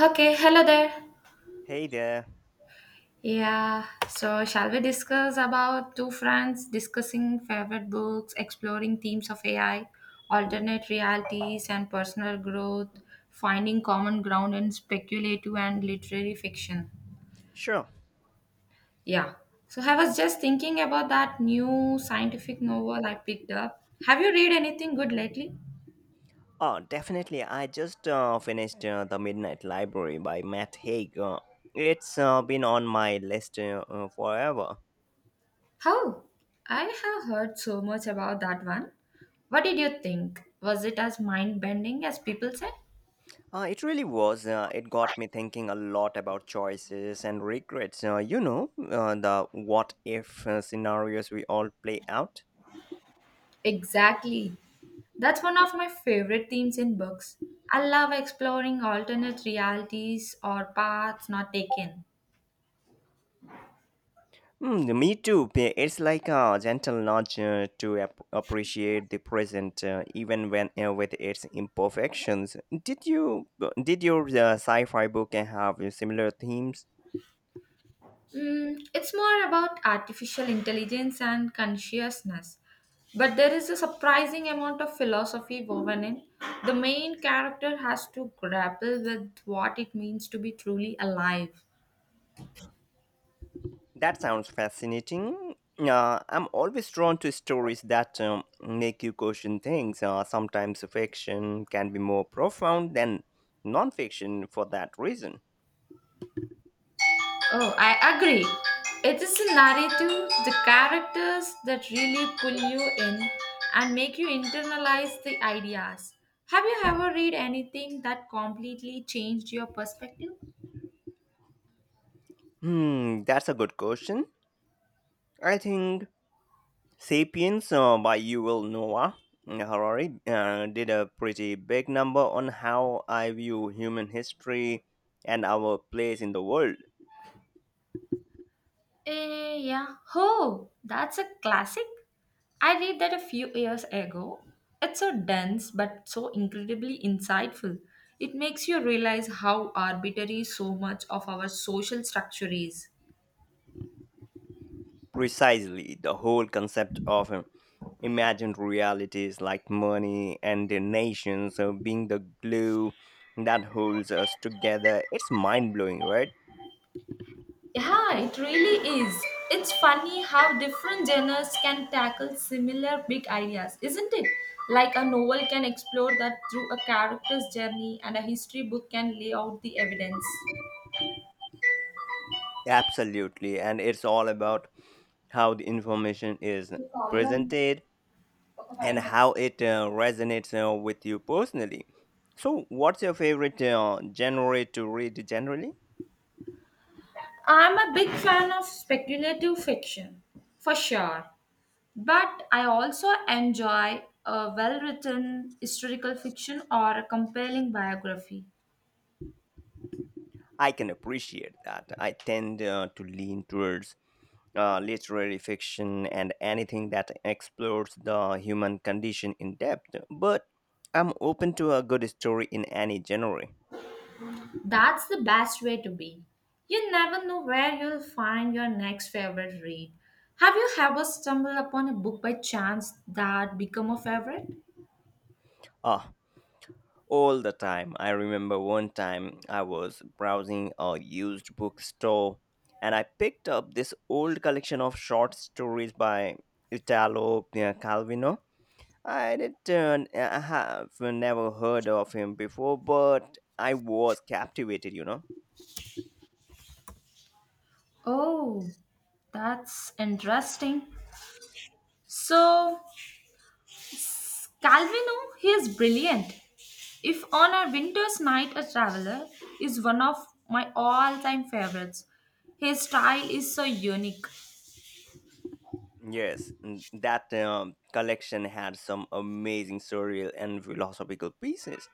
Okay, hello there. Hey there. Yeah, so shall we discuss about two friends discussing favorite books, exploring themes of AI, alternate realities, and personal growth, finding common ground in speculative and literary fiction? Sure. Yeah, so I was just thinking about that new scientific novel I picked up. Have you read anything good lately? Oh, definitely. I just finished The Midnight Library by Matt Haig. It's been on my list forever. How? I have heard so much about that one. What did you think? Was it as mind bending as people said? It really was. It got me thinking a lot about choices and regrets. The what if scenarios we all play out. Exactly. That's one of my favorite themes in books. I love exploring alternate realities or paths not taken. Mm, me too. It's like a gentle nudge to appreciate the present, even when with its imperfections. Did you did your sci-fi book have similar themes? Mm, it's more about artificial intelligence and consciousness. But there is a surprising amount of philosophy woven in. The main character has to grapple with what it means to be truly alive. That sounds fascinating. I'm always drawn to stories that make you question things. Sometimes fiction can be more profound than nonfiction for that reason. Oh, I agree. It is the narrative, the characters that really pull you in and make you internalize the ideas. Have you ever read anything that completely changed your perspective? Hmm, that's a good question. I think Sapiens by Yuval Noah Harari did a pretty big number on how I view human history and our place in the world. Eh, yeah. Oh, that's a classic. I read that a few years ago. It's so dense but so incredibly insightful. It makes you realize how arbitrary so much of our social structure is. Precisely, the whole concept of imagined realities like money and the nations being the glue that holds us together. It's mind blowing, right? Yeah, it really is. It's funny how different genres can tackle similar big ideas, isn't it? Like a novel can explore that through a character's journey, and a history book can lay out the evidence. Absolutely. And it's all about how the information is presented and how it resonates with you personally. So, what's your favorite genre to read generally? I'm a big fan of speculative fiction, for sure. But I also enjoy a well written historical fiction or a compelling biography. I can appreciate that. I tend to lean towards literary fiction and anything that explores the human condition in depth, but I'm open to a good story in any genre. That's the best way to be. You never know where you'll find your next favorite read. Have you ever stumbled upon a book by chance that become a favorite? Ah, all the time. I remember one time I was browsing a used bookstore and I picked up this old collection of short stories by Italo Calvino. I have never heard of him before, but I was captivated, you know. Oh, that's interesting. So, Calvino, he is brilliant. If on a winter's night, a traveler is one of my all-time favorites. His style is so unique. Yes, that collection had some amazing surreal and philosophical pieces.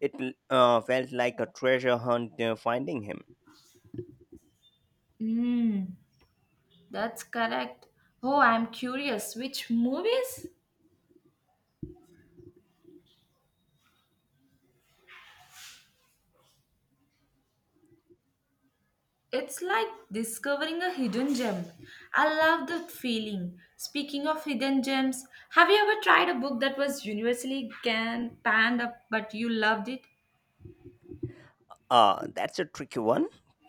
It felt like a treasure hunt finding him. Hmm, that's correct. Oh, I'm curious. Which movies? It's like discovering a hidden gem. I love that feeling. Speaking of hidden gems, have you ever tried a book that was universally can panned up but you loved it? That's a tricky one.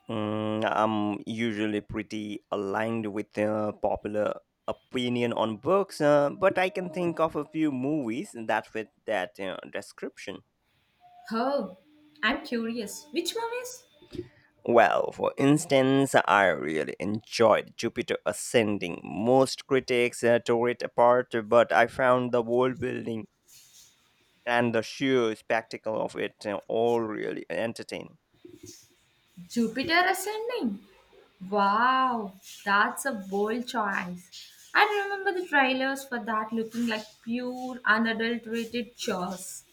Mm, I'm usually pretty aligned with popular opinion on books, but I can think of a few movies that fit that description. Oh, I'm curious. Which one is Well, for instance, I really enjoyed Jupiter Ascending. Most critics tore it apart, but I found the world building and the sheer spectacle of it all really entertaining. Jupiter Ascending? Wow, that's a bold choice. I remember the trailers for that looking like pure unadulterated chores.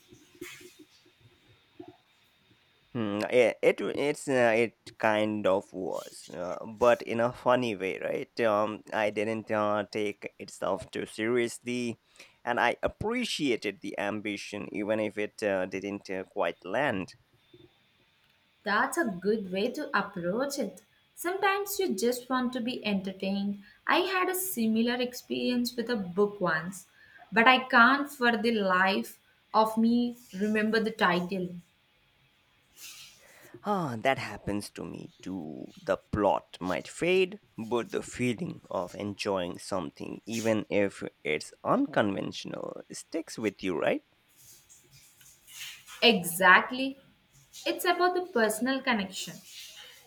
Hmm, yeah, it kind of was, but in a funny way, right? I didn't take itself too seriously, and I appreciated the ambition, even if it didn't quite land. That's a good way to approach it. Sometimes you just want to be entertained. I had a similar experience with a book once, but I can't for the life of me remember the title. Ah, that happens to me too. The plot might fade, but the feeling of enjoying something, even if it's unconventional, sticks with you, right? Exactly. It's about the personal connection.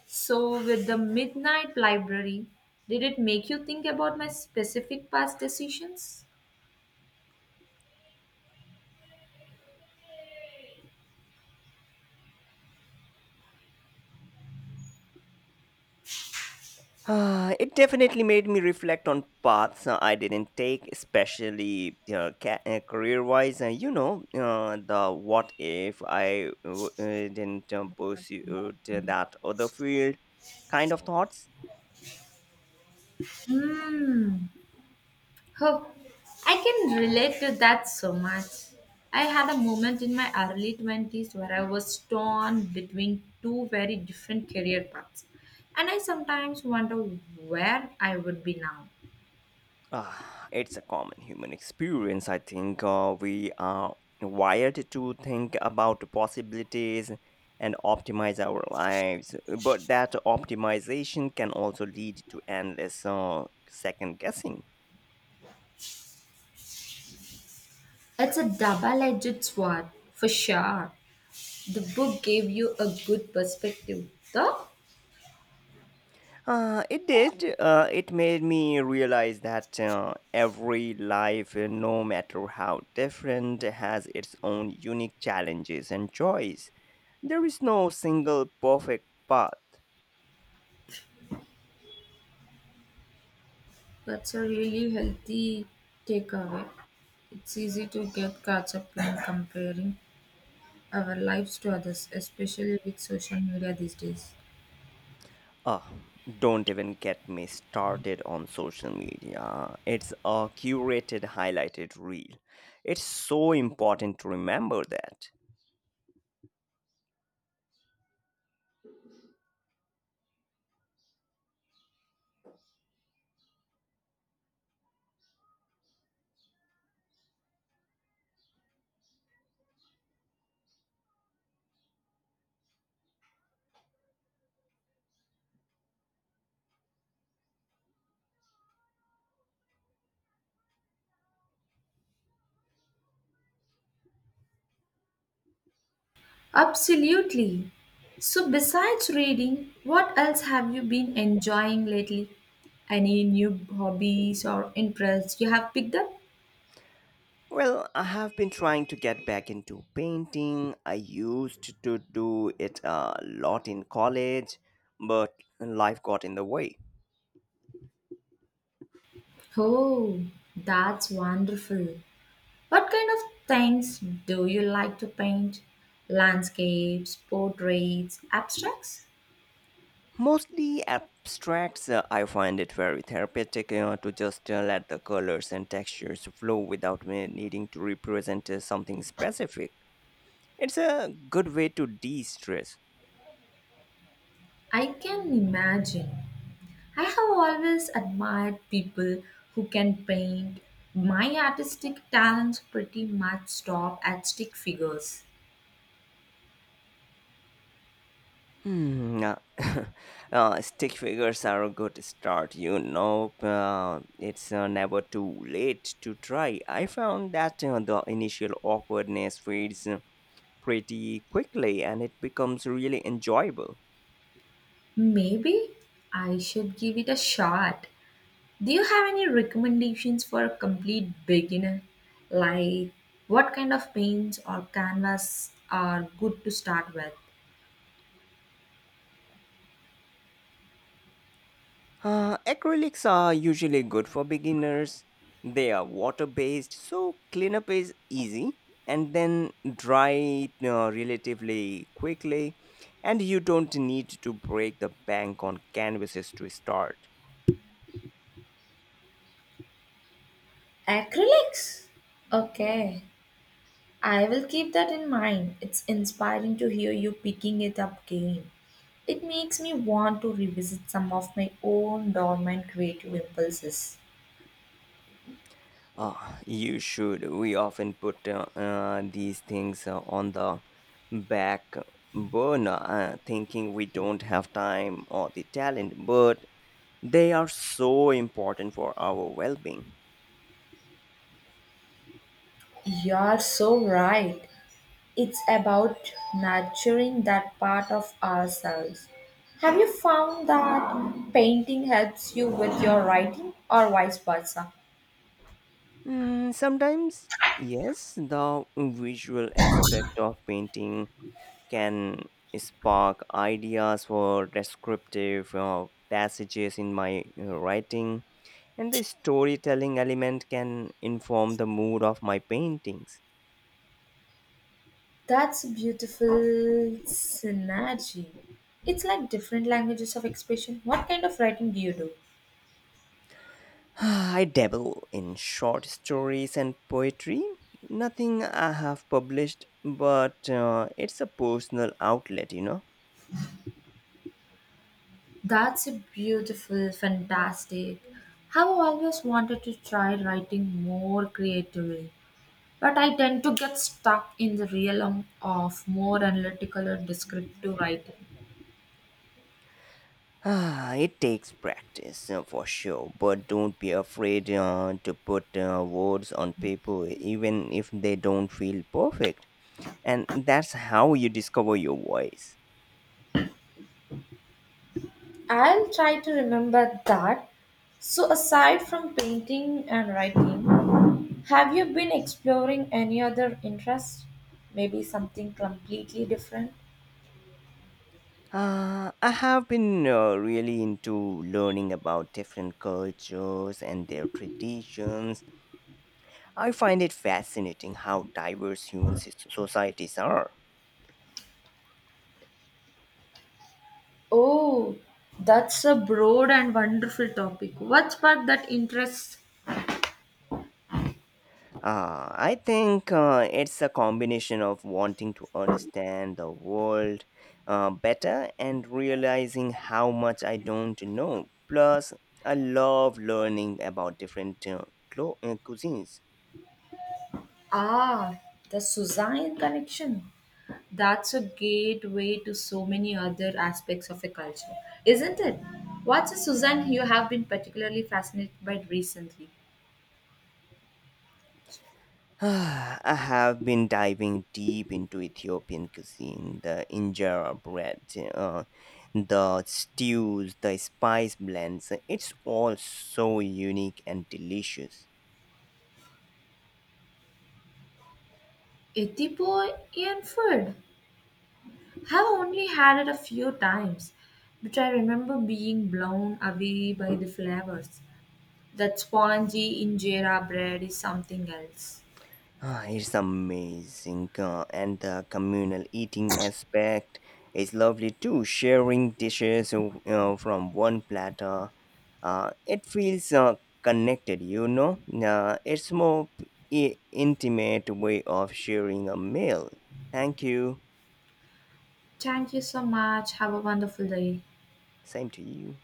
So, with the Midnight Library, did it make you think about my specific past decisions? It definitely made me reflect on paths I didn't take, especially career-wise. The what if I didn't pursue that other field kind of thoughts. Hmm. Oh, I can relate to that so much. I had a moment in my early 20s where I was torn between two very different career paths, and I sometimes wonder where I would be now. Ah, it's a common human experience. I think we are wired to think about possibilities and optimize our lives, but that optimization can also lead to endless second guessing. It's a double edged sword, for sure. The book gave you a good perspective, though. It did. It made me realize that every life, no matter how different, has its own unique challenges and joys. There is no single perfect path. That's a really healthy takeaway. It's easy to get caught up in comparing our lives to others, especially with social media these days. Ah, don't even get me started on social media. It's a curated, highlighted reel. It's so important to remember that. Absolutely. So, besides reading, what else have you been enjoying lately? Any new hobbies or interests you have picked up? Well, I have been trying to get back into painting. I used to do it a lot in college, but life got in the way. Oh, that's wonderful. What kind of things do you like to paint? Landscapes, portraits, abstracts? Mostly abstracts, I find it very therapeutic to just let the colors and textures flow without me needing to represent something specific. It's a good way to de stress. I can imagine. I have always admired people who can paint. My artistic talents pretty much stop at stick figures. Hmm. Stick figures are a good start, you know. It's never too late to try. I found that the initial awkwardness fades pretty quickly and it becomes really enjoyable. Maybe I should give it a shot. Do you have any recommendations for a complete beginner? Like what kind of paints or canvas are good to start with? Acrylics are usually good for beginners. They are water based, so cleanup is easy and then dry relatively quickly. And you don't need to break the bank on canvases to start. Acrylics? Okay, I will keep that in mind. It's inspiring to hear you picking it up again. It makes me want to revisit some of my own dormant creative impulses. You should. We often put these things on the back burner, thinking we don't have time or the talent, but they are so important for our well being. You're so right. It's about nurturing that part of ourselves. Have you found that painting helps you with your writing or vice versa? Mm, sometimes, yes, the visual aspect of painting can spark ideas for descriptive passages in my writing, and the storytelling element can inform the mood of my paintings. That's a beautiful synergy. It's like different languages of expression. What kind of writing do you do? I dabble in short stories and poetry. Nothing I have published, but it's a personal outlet, you know. That's a beautiful, fantastic. Have always wanted to try writing more creatively, but I tend to get stuck in the realm of more analytical or descriptive writing. Ah, it takes practice for sure, but don't be afraid to put words on paper, even if they don't feel perfect. And that's how you discover your voice. I'll try to remember that. So, aside from painting and writing, have you been exploring any other interests? Maybe something completely different? I have been really into learning about different cultures and their traditions. I find it fascinating how diverse societies are. Oh, that's a broad and wonderful topic. What sparked that interest? I think it's a combination of wanting to understand the world better and realizing how much I don't know. Plus, I love learning about different cuisines. Ah, the Suzanne connection. That's a gateway to so many other aspects of a culture, isn't it? What's a Suzanne you have been particularly fascinated by recently? I have been diving deep into Ethiopian cuisine, the injera bread, uh, the stews, the spice blends. It's all so unique and delicious. Ethiopian? Have only had it a few times, but I remember being blown away by the flavors. That spongy injera bread is something else. Ah, it's amazing. And the communal eating aspect is lovely too, sharing dishes from one platter it feels connected, you know, it's more intimate way of sharing a meal. Thank you, Thank you so much. Have a wonderful day. same to you.